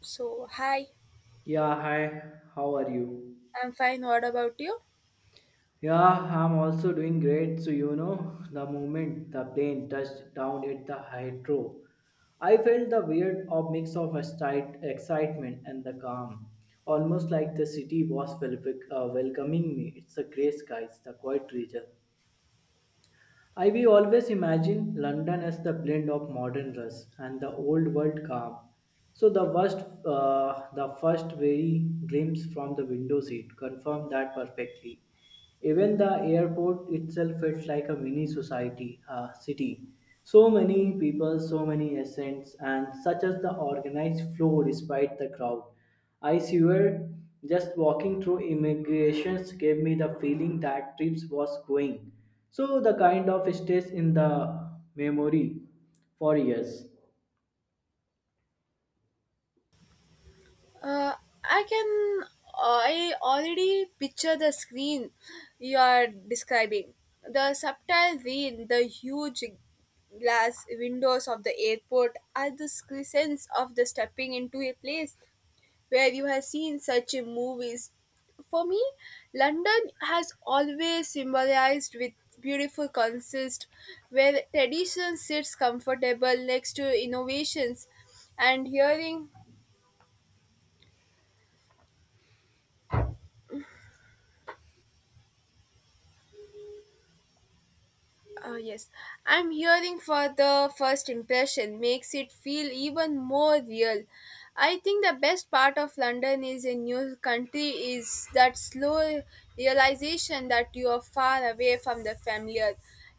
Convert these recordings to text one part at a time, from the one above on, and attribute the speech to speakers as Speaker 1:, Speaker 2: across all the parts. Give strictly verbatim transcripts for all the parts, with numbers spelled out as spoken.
Speaker 1: So, hi,
Speaker 2: Yeah, hi, how are you?
Speaker 1: I'm fine. What about you?
Speaker 2: Yeah, I'm also doing great. So, you know, the moment the plane touched down at the hydro, I felt the weird of mix of excite- excitement and the calm, almost like the city was wel- uh, welcoming me. It's the gray skies, the quiet region. I will always imagine London as the blend of modern rush and the old world calm. So the first, uh, the first very glimpse from the window seat confirmed that perfectly. Even the airport itself felt like a mini society, uh, city. So many people, so many essence, and such as the organized flow despite the crowd. I swear, just walking through immigrations gave me the feeling that trips was going. So the kind of stays in the memory for years.
Speaker 1: Uh, I can. I already picture the screen you are describing. The subtile rain, the huge glass windows of the airport, are the sense of the stepping into a place where you have seen such in movies. For me, London has always symbolized with beautiful consist where tradition sits comfortable next to innovations and hearing Uh, yes, I'm hearing for the first impression makes it feel even more real. I think the best part of London is a new country is that slow realization that you are far away from the familiar.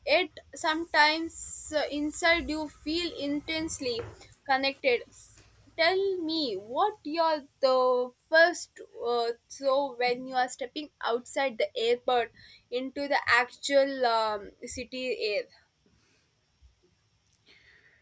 Speaker 1: It sometimes uh, inside you feel intensely connected. Tell me what you're the first uh, so when you are stepping outside the airport into the actual um, city air.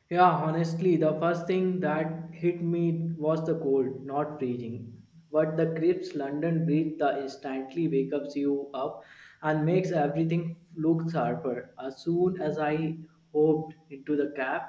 Speaker 2: Yeah, honestly, the first thing that hit me was the cold, not freezing. But the crisp London breeze that instantly wakes you up and makes everything look sharper. As soon as I hopped into the cab,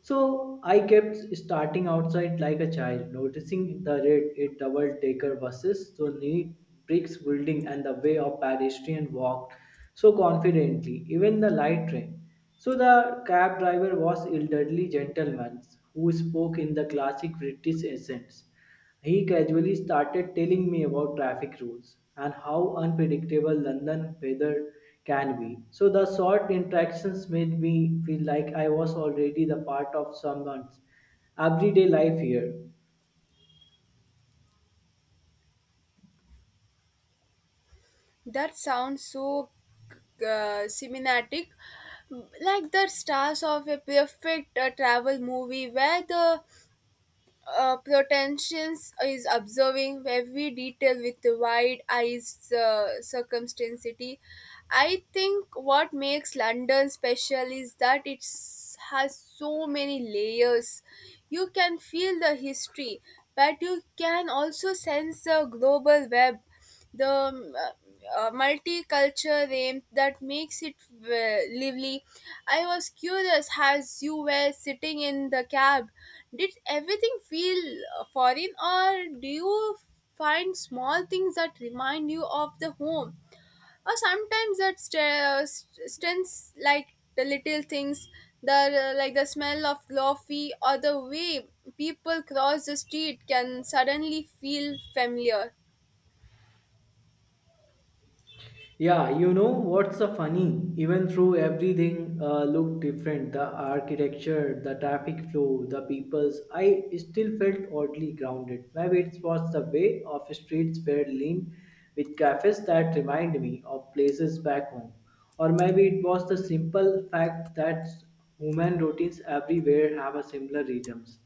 Speaker 2: so I kept starting outside like a child, noticing the red eight double decker buses, the neat bricks building, and the way a pedestrian walked so confidently, even the light train. So the cab driver was elderly gentleman who spoke in the classic British accent. He casually started telling me about traffic rules and how unpredictable London weather can be. So the short interactions made me feel like I was already the part of someone's everyday life here.
Speaker 1: That sounds so uh, cinematic, like the stars of a perfect uh, travel movie where the uh, potentials is observing every detail with wide eyes uh, circumstancity. I think what makes London special is that it has so many layers. You can feel the history, but you can also sense the global web, the um, uh, multicultural aim that makes it uh, lively. I was curious, as you were sitting in the cab, did everything feel uh, foreign, or do you find small things that remind you of the home? Or sometimes that st- uh, st- stints, like the little things, the uh, like the smell of coffee or the way people cross the street, can suddenly feel familiar.
Speaker 2: Yeah, you know what's so funny? Even through everything uh, looked different, the architecture, the traffic flow, the peoples, I still felt oddly grounded. Maybe it was the way of streets were lined with cafes that remind me of places back home. Or maybe it was the simple fact that human routines everywhere have a similar rhythms.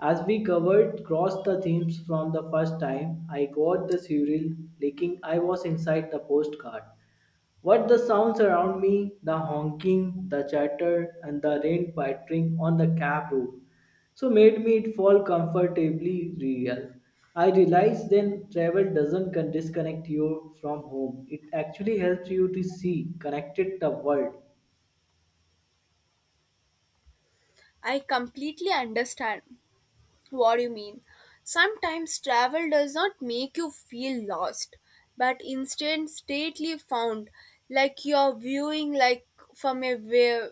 Speaker 2: As we covered cross the themes from the first time I got the surreal leaking, I was inside the postcard. What the sounds around me, the honking, the chatter, and the rain pattering on the cab roof, so made me it fall comfortably real. I realized then travel doesn't con- disconnect you from home. It actually helps you to see connected the world.
Speaker 1: I completely understand what you mean. Sometimes travel does not make you feel lost, but instead stately found, like you're viewing like from a wi-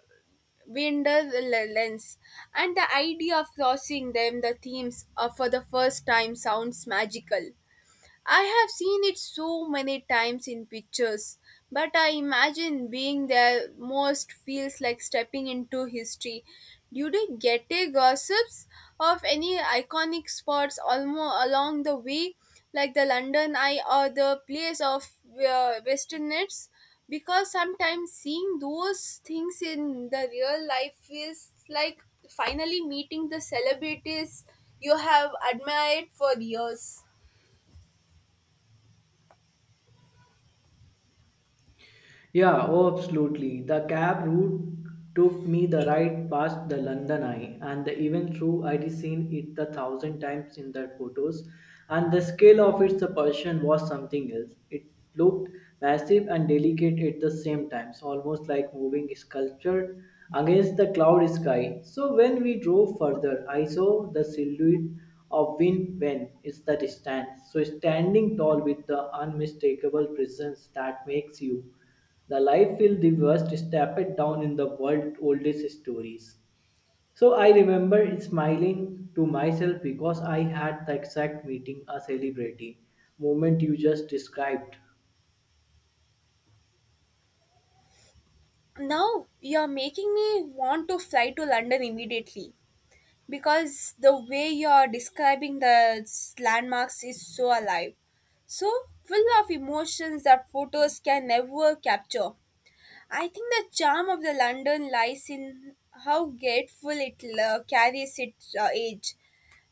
Speaker 1: window l- lens. And the idea of crossing them, the themes, uh, for the first time sounds magical. I have seen it so many times in pictures, but I imagine being there most feels like stepping into history. During Getty gossips of any iconic spots almost along the way, like the London Eye or the place of uh, Western Nets, because sometimes seeing those things in the real life feels like finally meeting the celebrities you have admired for years.
Speaker 2: Yeah, oh, absolutely. The cab route took me the right past the London Eye, and the even through I'd seen it the thousand times in the photos, and the scale of its proportion was something else. It looked massive and delicate at the same time, almost like moving sculpture against the cloud sky. So when we drove further, I saw the silhouette of Win Wen is the distance. So standing tall with the unmistakable presence that makes you the life feel the worst step it down in the world oldest stories. So I remember smiling to myself because I had the exact meeting a celebrity moment you just described.
Speaker 1: Now you're making me want to fly to London immediately because the way you're describing the s- landmarks is so alive, so full of emotions that photos can never capture. I think the charm of the London lies in how grateful it uh, carries its uh, age.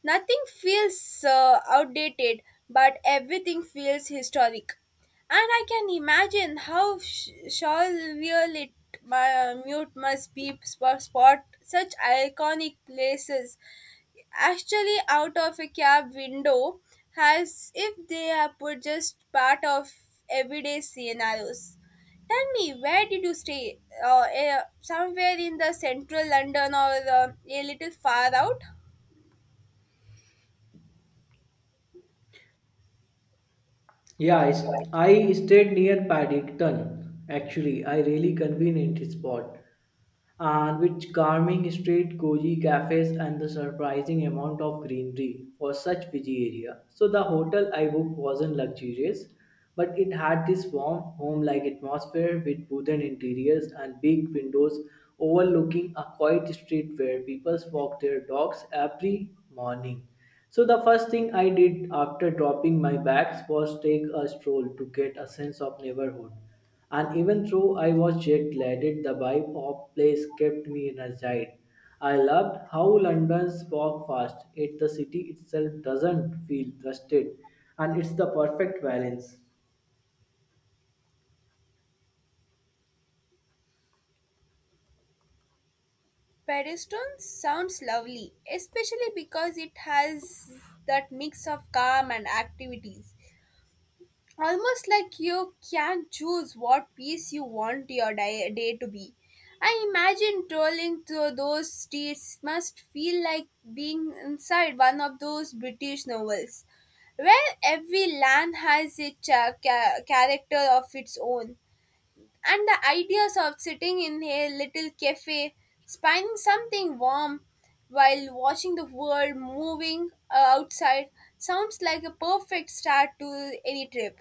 Speaker 1: Nothing feels uh, outdated, but everything feels historic. And I can imagine how sh- surreal it mu- mute must be sp- spot such iconic places actually out of a cab window, as if they are put just part of everyday scenarios. Tell me, where did you stay? Uh, eh, somewhere in the central London, or uh, a little far out?
Speaker 2: Yeah, I stayed near Paddington. Actually, I really convenient spot and with charming street, cozy cafes, and the surprising amount of greenery for such busy area. So the hotel I booked wasn't luxurious, but it had this warm, home like atmosphere with wooden interiors and big windows overlooking a quiet street where people walk their dogs every morning. So, the first thing I did after dropping my bags was take a stroll to get a sense of neighborhood. And even though I was jet lagged, the vibe of place kept me energized. I loved how London's walk fast, yet the city itself doesn't feel rusted, and it's the perfect balance.
Speaker 1: Pedestone sounds lovely, especially because it has that mix of calm and activities. Almost like you can choose what piece you want your day, day to be. I imagine trolling through those streets must feel like being inside one of those British novels, where every land has a cha- ca- character of its own. And the ideas of sitting in a little cafe, spying something warm while watching the world moving uh, outside sounds like a perfect start to any trip.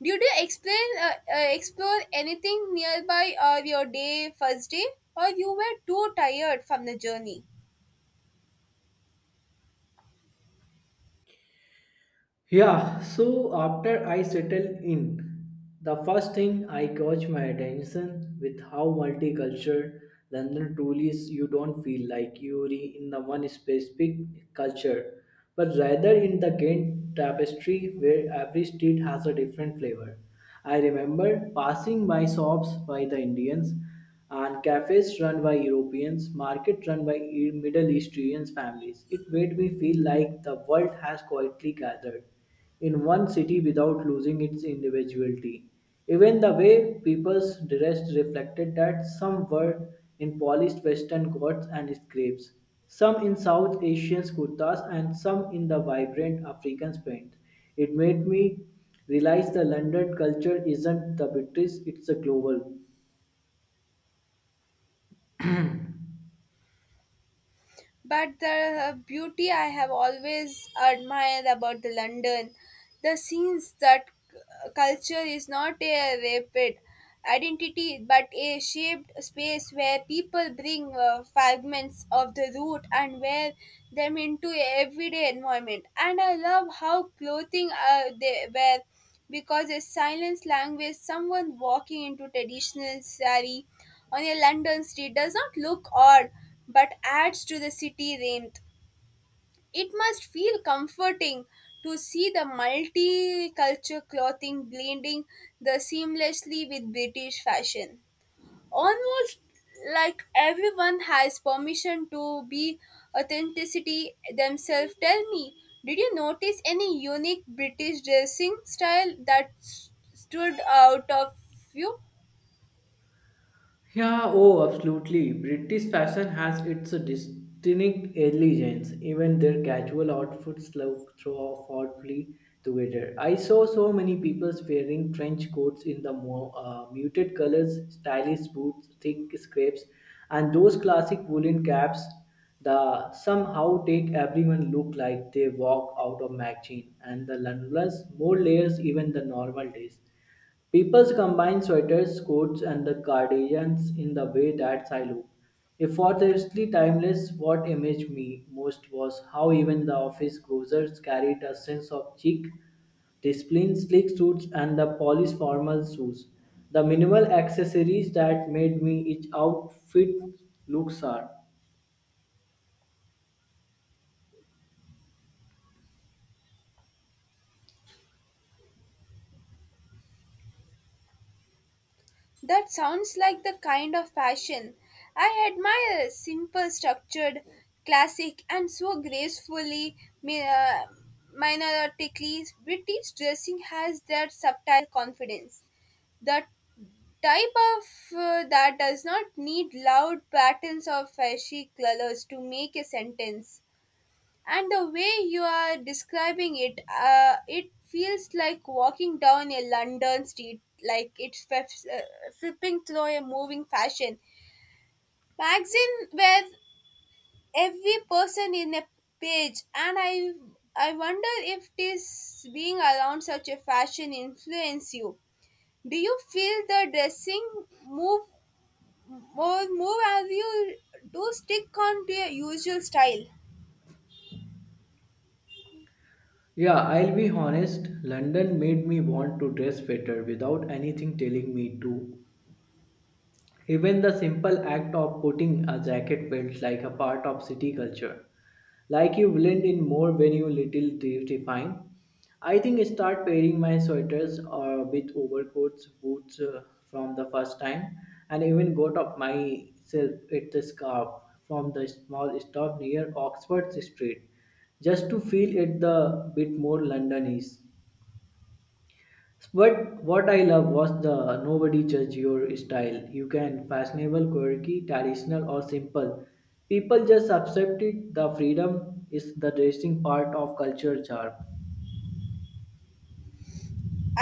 Speaker 1: Did you explain uh, uh, explore anything nearby or your day first day, or you were too tired from the journey?
Speaker 2: Yeah, so after I settled in, the first thing I caught my attention with how multicultural London truly is. You don't feel like you're in the one specific culture, but rather in the Ghent tapestry where every street has a different flavor. I remember passing by shops by the Indians and cafes run by Europeans, market run by E- Middle Eastern families. It made me feel like the world has quietly gathered in one city without losing its individuality. Even the way people's dressed reflected that some were in polished western coats and scrapes, some in South Asian kurtas, and some in the vibrant African paint. It made me realize the London culture isn't the British, it's a global.
Speaker 1: But the uh, beauty I have always admired about the London, the scenes that c- culture is not a rapid identity but a shaped space where people bring uh, fragments of the root and wear them into a everyday environment. And I love how clothing uh, they wear because a silence language, someone walking into traditional sari on a London street does not look odd but adds to the city warmth. It must feel comforting to see the multicultural clothing blending the seamlessly with British fashion, almost like everyone has permission to be authenticity themselves. Tell me, did you notice any unique British dressing style that s- stood out of you?
Speaker 2: Yeah, oh, absolutely. British fashion has its distinct elegance. Even their casual outfits look throw oddly together. I saw so many people wearing trench coats in the more uh, muted colors, stylish boots, thick scrapes, and those classic woolen caps that somehow take everyone look like they walk out of magazine. And the landless more layers even the normal days. People combine sweaters, coats, and the cardigans in the way that's I look. Effortlessly timeless, what imaged me most was how even the office closers carried a sense of chic, discipline, sleek suits, and the polished formal shoes. The minimal accessories that made me each outfit look sharp.
Speaker 1: That sounds like the kind of fashion I admire: simple, structured, classic, and so gracefully mi- uh, minoritically. British dressing has that subtle confidence, that type of uh, that does not need loud patterns or flashy colors to make a sentence. And the way you are describing it, uh, it feels like walking down a London street, like it's f- uh, flipping through a moving fashion magazine where every person in a page. And i i wonder if this being around such a fashion influence you. Do you feel the dressing move more move as you do stick on to your usual style?
Speaker 2: Yeah, I'll be honest, London made me want to dress better without anything telling me to. Even the simple act of putting a jacket felt like a part of city culture, like you blend in more when you little de- define. I think I start pairing my sweaters uh, with overcoats, boots uh, from the first time, and even got of myself at the scarf from the small store near Oxford Street, just to feel it the bit more Londonese. But what I love was the nobody judge your style. You can fashionable, quirky, traditional, or simple. People just accept it. The freedom is the dressing part of culture charm.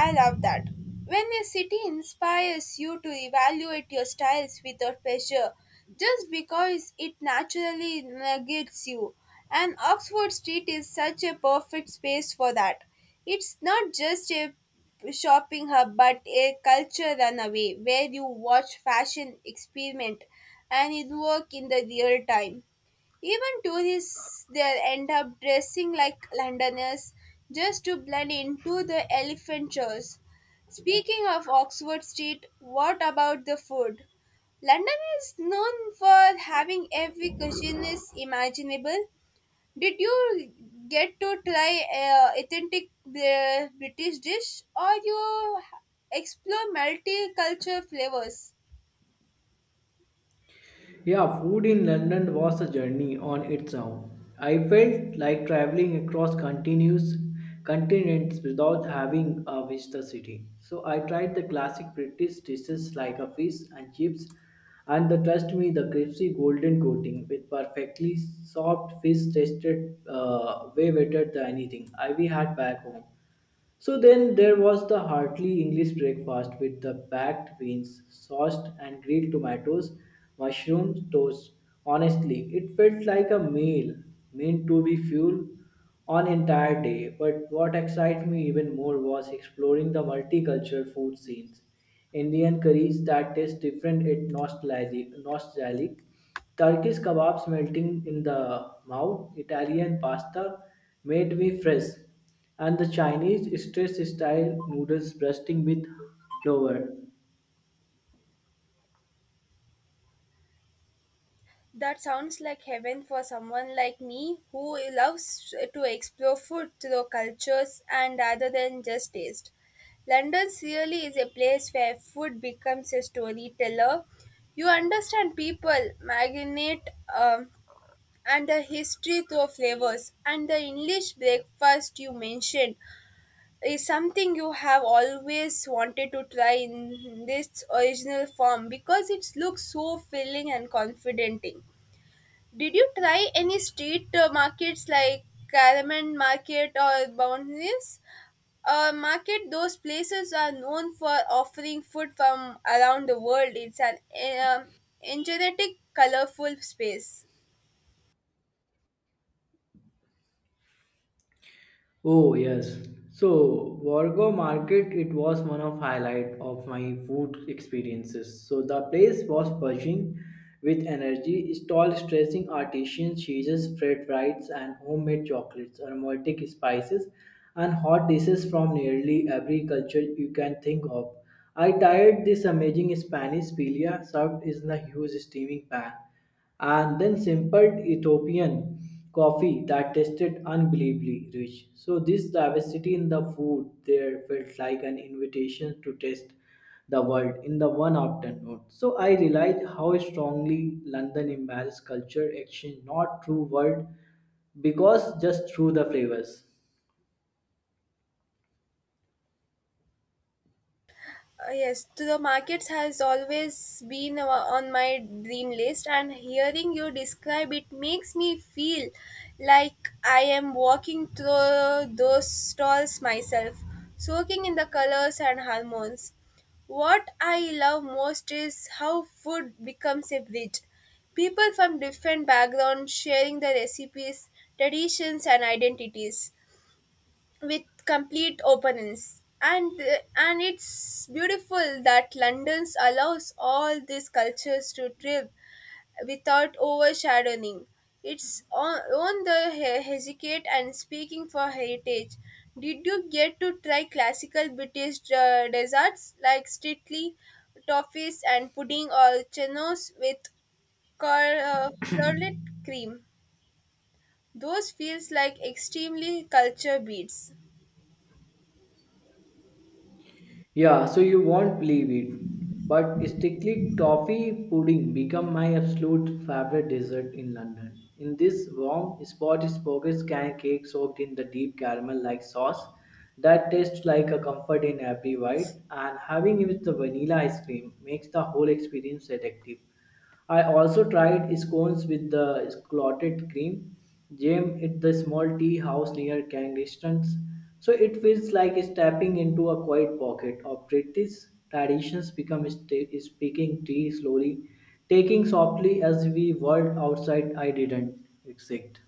Speaker 1: I love that when a city inspires you to evaluate your styles without pressure, just because it naturally negates you. And Oxford Street is such a perfect space for that. It's not just a shopping hub but a culture runaway where you watch fashion experiment and it work in the real time. Even tourists there end up dressing like Londoners just to blend into the elephant shows. Speaking of Oxford Street, what about the food? London is known for having every cuisine is imaginable. Did you get to try a authentic uh, British dish, or you explore multi culture flavors?
Speaker 2: Yeah, food in London was a journey on its own. I felt like traveling across continuous continents without having uh, visited the city. So I tried the classic British dishes like a fish and chips, and the trust me, the crispy golden coating with perfectly soft fish tasted uh, way better than anything I we had back home. So then there was the hearty English breakfast with the packed beans, sauced and grilled tomatoes, mushroom toast. Honestly, it felt like a meal meant to be fuel on entire day. But what excited me even more was exploring the multicultural food scenes. Indian curries that taste different yet nostalgic, nostalgic Turkish kebabs melting in the mouth, Italian pasta made me fresh and the Chinese stress style noodles bursting with flour.
Speaker 1: That sounds like heaven for someone like me who loves to explore food through cultures and rather than just taste. London really is a place where food becomes a storyteller. You understand people, marinate, um, and the history through flavors. And the English breakfast you mentioned is something you have always wanted to try in this original form because it looks so filling and confident. Did you try any street uh, markets like Caraman Market or Boundaries? Uh, market, those places are known for offering food from around the world. It's an um, energetic, colorful space.
Speaker 2: Oh yes. So Wargo Market it was one of highlight of my food experiences. So the place was buzzing with energy, stall stressing artisan cheeses, fried rice and homemade chocolates, aromatic spices and hot dishes from nearly every culture you can think of. I tried this amazing Spanish pilia served in a huge steaming pan and then sampled Ethiopian coffee that tasted unbelievably rich. So, this diversity in the food there felt like an invitation to taste the world in the one afternoon. So, I realized how strongly London embraces culture exchange, not through word, because just through the flavors.
Speaker 1: Uh, yes, to the markets has always been o- on my dream list, and hearing you describe it makes me feel like I am walking through those stalls myself, soaking in the colors and hormones. What I love most is how food becomes a bridge. People from different backgrounds sharing their recipes, traditions, and identities with complete openness. And uh, and it's beautiful that London's allows all these cultures to thrive without overshadowing its on, on the he- hesitate and speaking for heritage. Did you get to try classical British uh, desserts like strictly toffees and pudding, or chenos with cur- uh, curdled cream? Those feels like extremely culture beats.
Speaker 2: Yeah, so you won't believe it. But strictly toffee pudding become my absolute favorite dessert in London. In this warm spot is pockets can cake soaked in the deep caramel like sauce that tastes like a comfort in every bite and having it with the vanilla ice cream makes the whole experience addictive. I also tried scones with the clotted cream jam at the small tea house near Kensington. So it feels like stepping into a quiet pocket of British traditions become sta- speaking tea slowly, taking softly as we whirled outside. I didn't exit.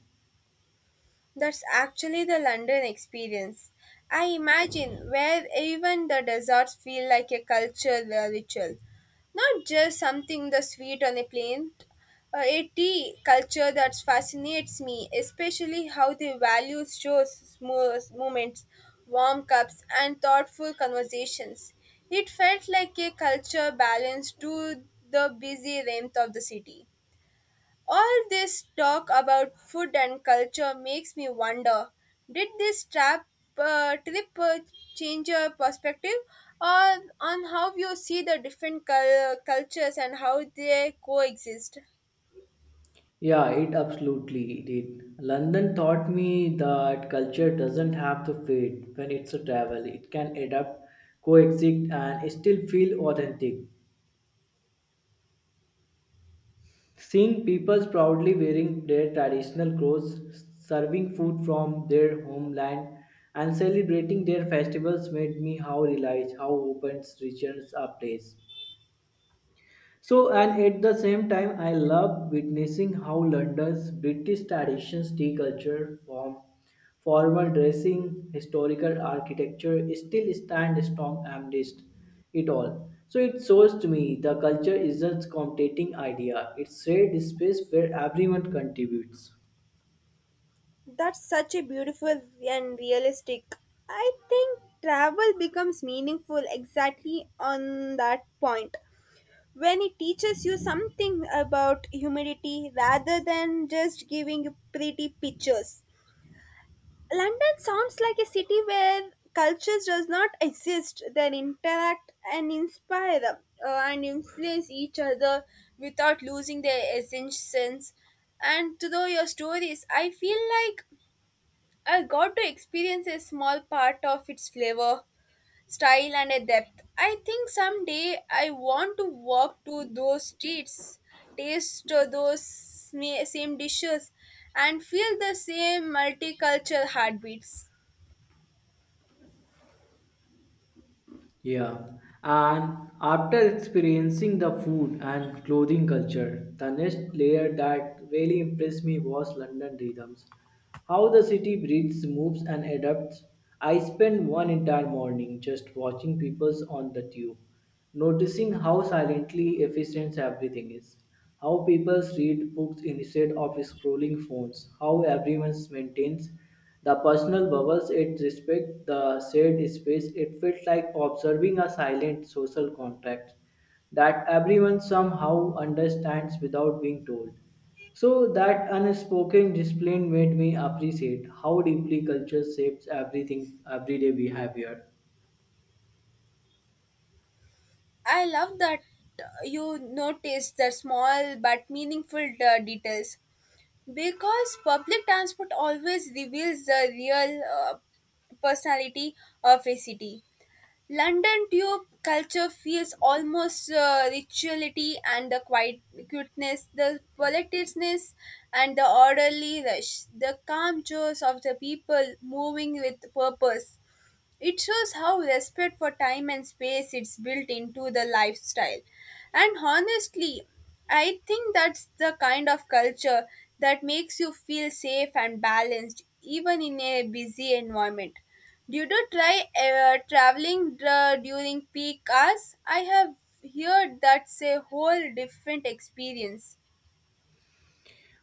Speaker 1: That's actually the London experience I imagine, where even the desserts feel like a cultural ritual, not just something the sweet on a plate. Uh, a tea culture that fascinates me, especially how they value shows, small moments, warm cups, and thoughtful conversations. It felt like a culture balance to the busy rhythm of the city. All this talk about food and culture makes me wonder, did this trap, uh, trip uh, change your perspective or on how you see the different cul- cultures and how they coexist?
Speaker 2: Yeah, it absolutely did. London taught me that culture doesn't have to fade when it's a travel. It can adapt, coexist, and still feel authentic. Seeing people proudly wearing their traditional clothes, serving food from their homeland, and celebrating their festivals made me how realize how open regions are place. So, and at the same time, I love witnessing how London's British traditions, tea culture, form, formal dressing, historical architecture still stand strong amidst it all. So, it shows to me the culture isn't competing idea, it's shared space where everyone contributes.
Speaker 1: That's such a beautiful and realistic. I think travel becomes meaningful exactly on that point when it teaches you something about humidity rather than just giving you pretty pictures. London sounds like a city where cultures does not exist. They interact and inspire them, uh, and influence each other without losing their essence. And through your stories, I feel like I got to experience a small part of its flavor, style, and a depth. I think someday I want to walk to those streets, taste uh, those sme- same dishes, and feel the same multicultural heartbeats.
Speaker 2: Yeah, and after experiencing the food and clothing culture, the next layer that really impressed me was London rhythms. How the city breathes, moves, and adapts. I spent one entire morning just watching people on the tube noticing how silently efficient everything is, how people read books instead of scrolling phones, how everyone maintains the personal bubbles it respects the shared space. It felt like observing a silent social contract that everyone somehow understands without being told. So that unspoken discipline made me appreciate how deeply culture shapes everything everyday behavior.
Speaker 1: I love that uh, you notice the small but meaningful uh, details because public transport always reveals the real uh, personality of a city. London tube culture feels almost uh, rituality and the quiet cuteness, the politeness and the orderly rush, the calm chores of the people moving with purpose. It shows how respect for time and space is built into the lifestyle. And honestly, I think that's the kind of culture that makes you feel safe and balanced even in a busy environment. Did you try uh, traveling uh, during peak hours? I have heard that's a whole different experience.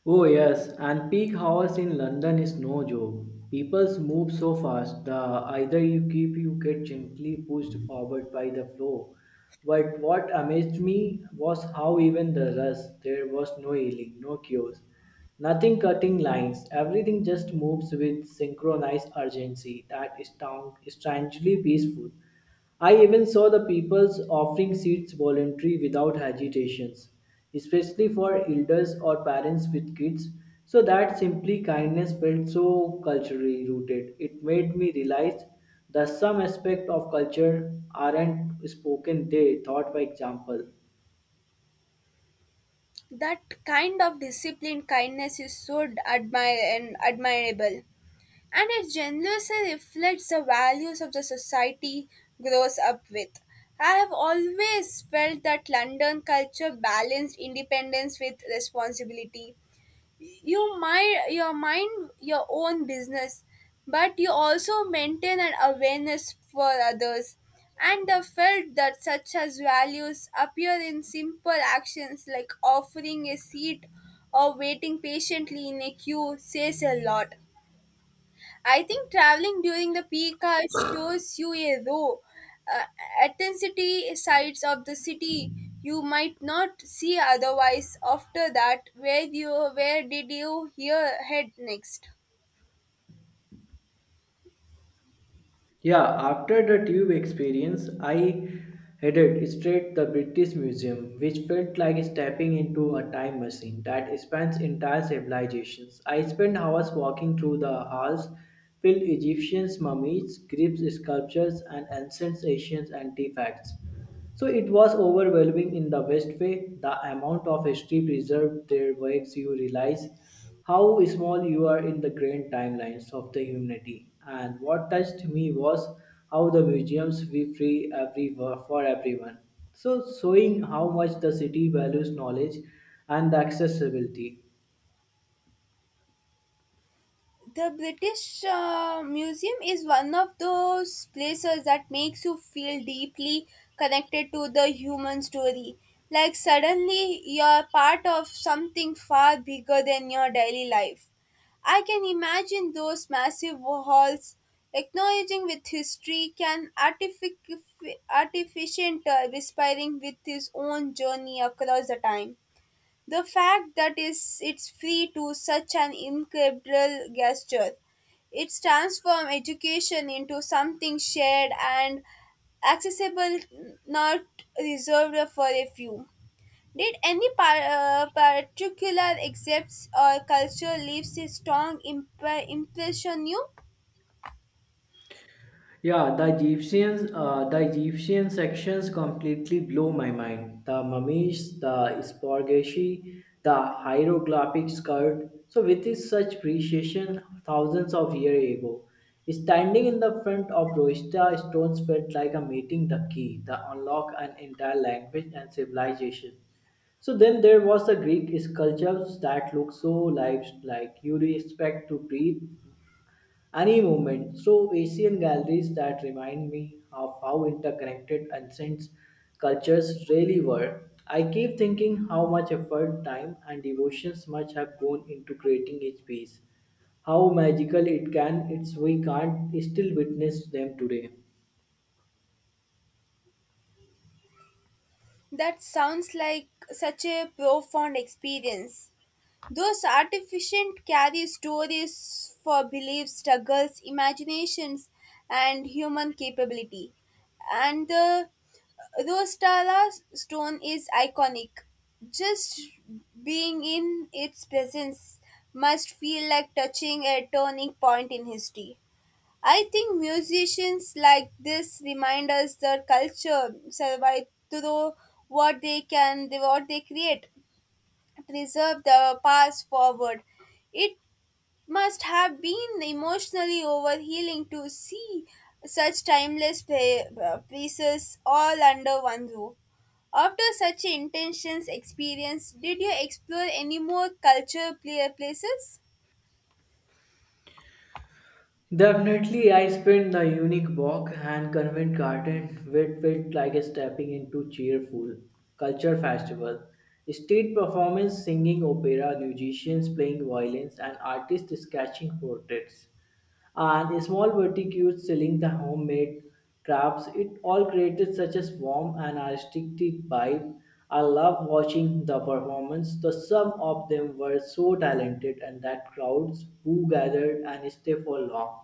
Speaker 2: Oh yes, and peak hours in London is no joke. People move so fast that either you keep you get gently pushed forward by the flow. But what amazed me was how even the rush there was no yelling, no queues, nothing cutting lines. Everything just moves with synchronized urgency that is stan- strangely peaceful. I even saw the peoples offering seats voluntary without hesitations, especially for elders or parents with kids. So that simply kindness felt so culturally rooted. It made me realize that some aspects of culture aren't spoken, they taught by example.
Speaker 1: That kind of disciplined kindness is so admire and admirable, and it generously reflects the values of the society grows up with. I have always felt that London culture balanced independence with responsibility. You mind your mind your own business, but you also maintain an awareness for others. And the felt that such as values appear in simple actions like offering a seat or waiting patiently in a queue says a lot. I think traveling during the peak hour shows you a raw uh, intensity sides of the city you might not see otherwise. After that, where you where did you hear head next?
Speaker 2: Yeah, after the tube experience, I headed straight the British Museum, which felt like stepping into a time machine that spans entire civilizations. I spent hours walking through the halls filled Egyptian mummies, Greek sculptures, and ancient Asian artifacts. So it was overwhelming in the best way. The amount of history preserved there makes you realize how small you are in the grand timelines of the humanity. And what touched me was how the museums we free every for everyone. So showing how much the city values knowledge and the accessibility.
Speaker 1: The British uh, Museum is one of those places that makes you feel deeply connected to the human story. Like suddenly you're part of something far bigger than your daily life. I can imagine those massive halls acknowledging with history can artific- artificient uh, respiring with his own journey across the time. The fact that is it's free to such an incredible gesture. It's transformed education into something shared and accessible, not reserved for a few. Did any par- uh, particular excerpts or culture leaves a strong imp- impression on you?
Speaker 2: Yeah, the Egyptian, uh, the Egyptian sections completely blow my mind. The mummies, the sporgashi, the hieroglyphic sculpt. So, with this such precision, thousands of years ago, standing in the front of Roista stones felt like a meeting the key, the unlock an entire language and civilization. So then there was the Greek sculptures that look so lifelike. You expect to breathe any moment. So, Asian galleries that remind me of how interconnected ancient cultures really were. I keep thinking how much effort, time, and devotions must have gone into creating each piece. How magical it can, it's we can't still witness them today.
Speaker 1: That sounds like such a profound experience. Those artificient carry stories for beliefs, struggles, imaginations, and human capability. And the Rostala stone is iconic. Just being in its presence must feel like touching a turning point in history. I think musicians like this remind us that culture survive through what they can, what they create, preserve the past forward. It must have been emotionally overhealing to see such timeless play, uh, pieces all under one roof. After such intense experience, did you explore any more culture play places?
Speaker 2: Definitely, I spent the unique walk and convent garden, which felt like stepping into cheerful culture festival. State performance, singing opera, musicians playing violins, and artists sketching portraits and the small boutiques selling the homemade crafts. It all created such a warm and artistic vibe. I love watching the performance. The some of them were so talented, and that crowds who gathered and stayed for long.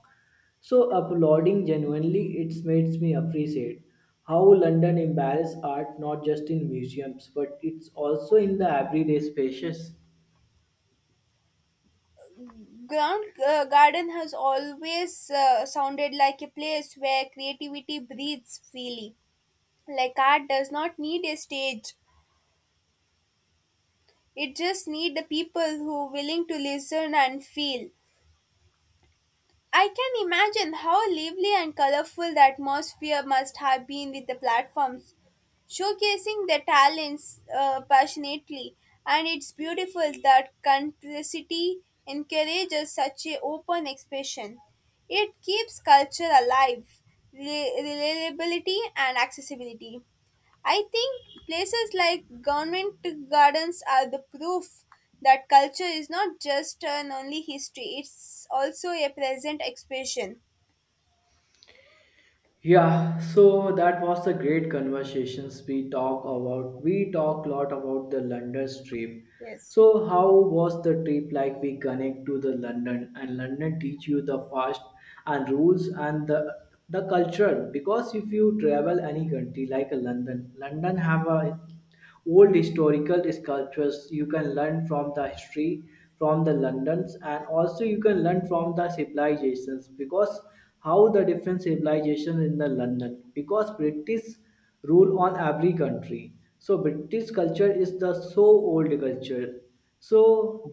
Speaker 2: So applauding genuinely, it makes me appreciate how London embraces art not just in museums, but it's also in the everyday spaces.
Speaker 1: Ground uh, garden has always uh, sounded like a place where creativity breathes freely. Like art does not need a stage. It just need the people who are willing to listen and feel. I can imagine how lively and colorful the atmosphere must have been with the platforms, showcasing their talents uh, passionately. And it's beautiful that country encourages such a open expression. It keeps culture alive, re- reliability and accessibility. I think places like government gardens are the proof that culture is not just an only history, it's also a present expression.
Speaker 2: Yeah, so that was the great conversations we talk about. We talk a lot about the London trip.
Speaker 1: Yes.
Speaker 2: So how was the trip like we connect to the London and London teach you the fast and rules and the the culture because if you travel any country like a London, London have a old historical sculptures you can learn from the history from the londons and also you can learn from the civilizations because how the different civilizations in the london because british rule on every country so british culture is the so old culture so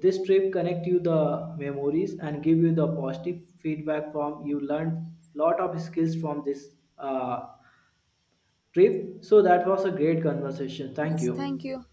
Speaker 2: this trip connect you the memories and give you the positive feedback from you learned lot of skills from this uh, trip so that was a great conversation thank
Speaker 1: Yes.
Speaker 2: you
Speaker 1: Thank you.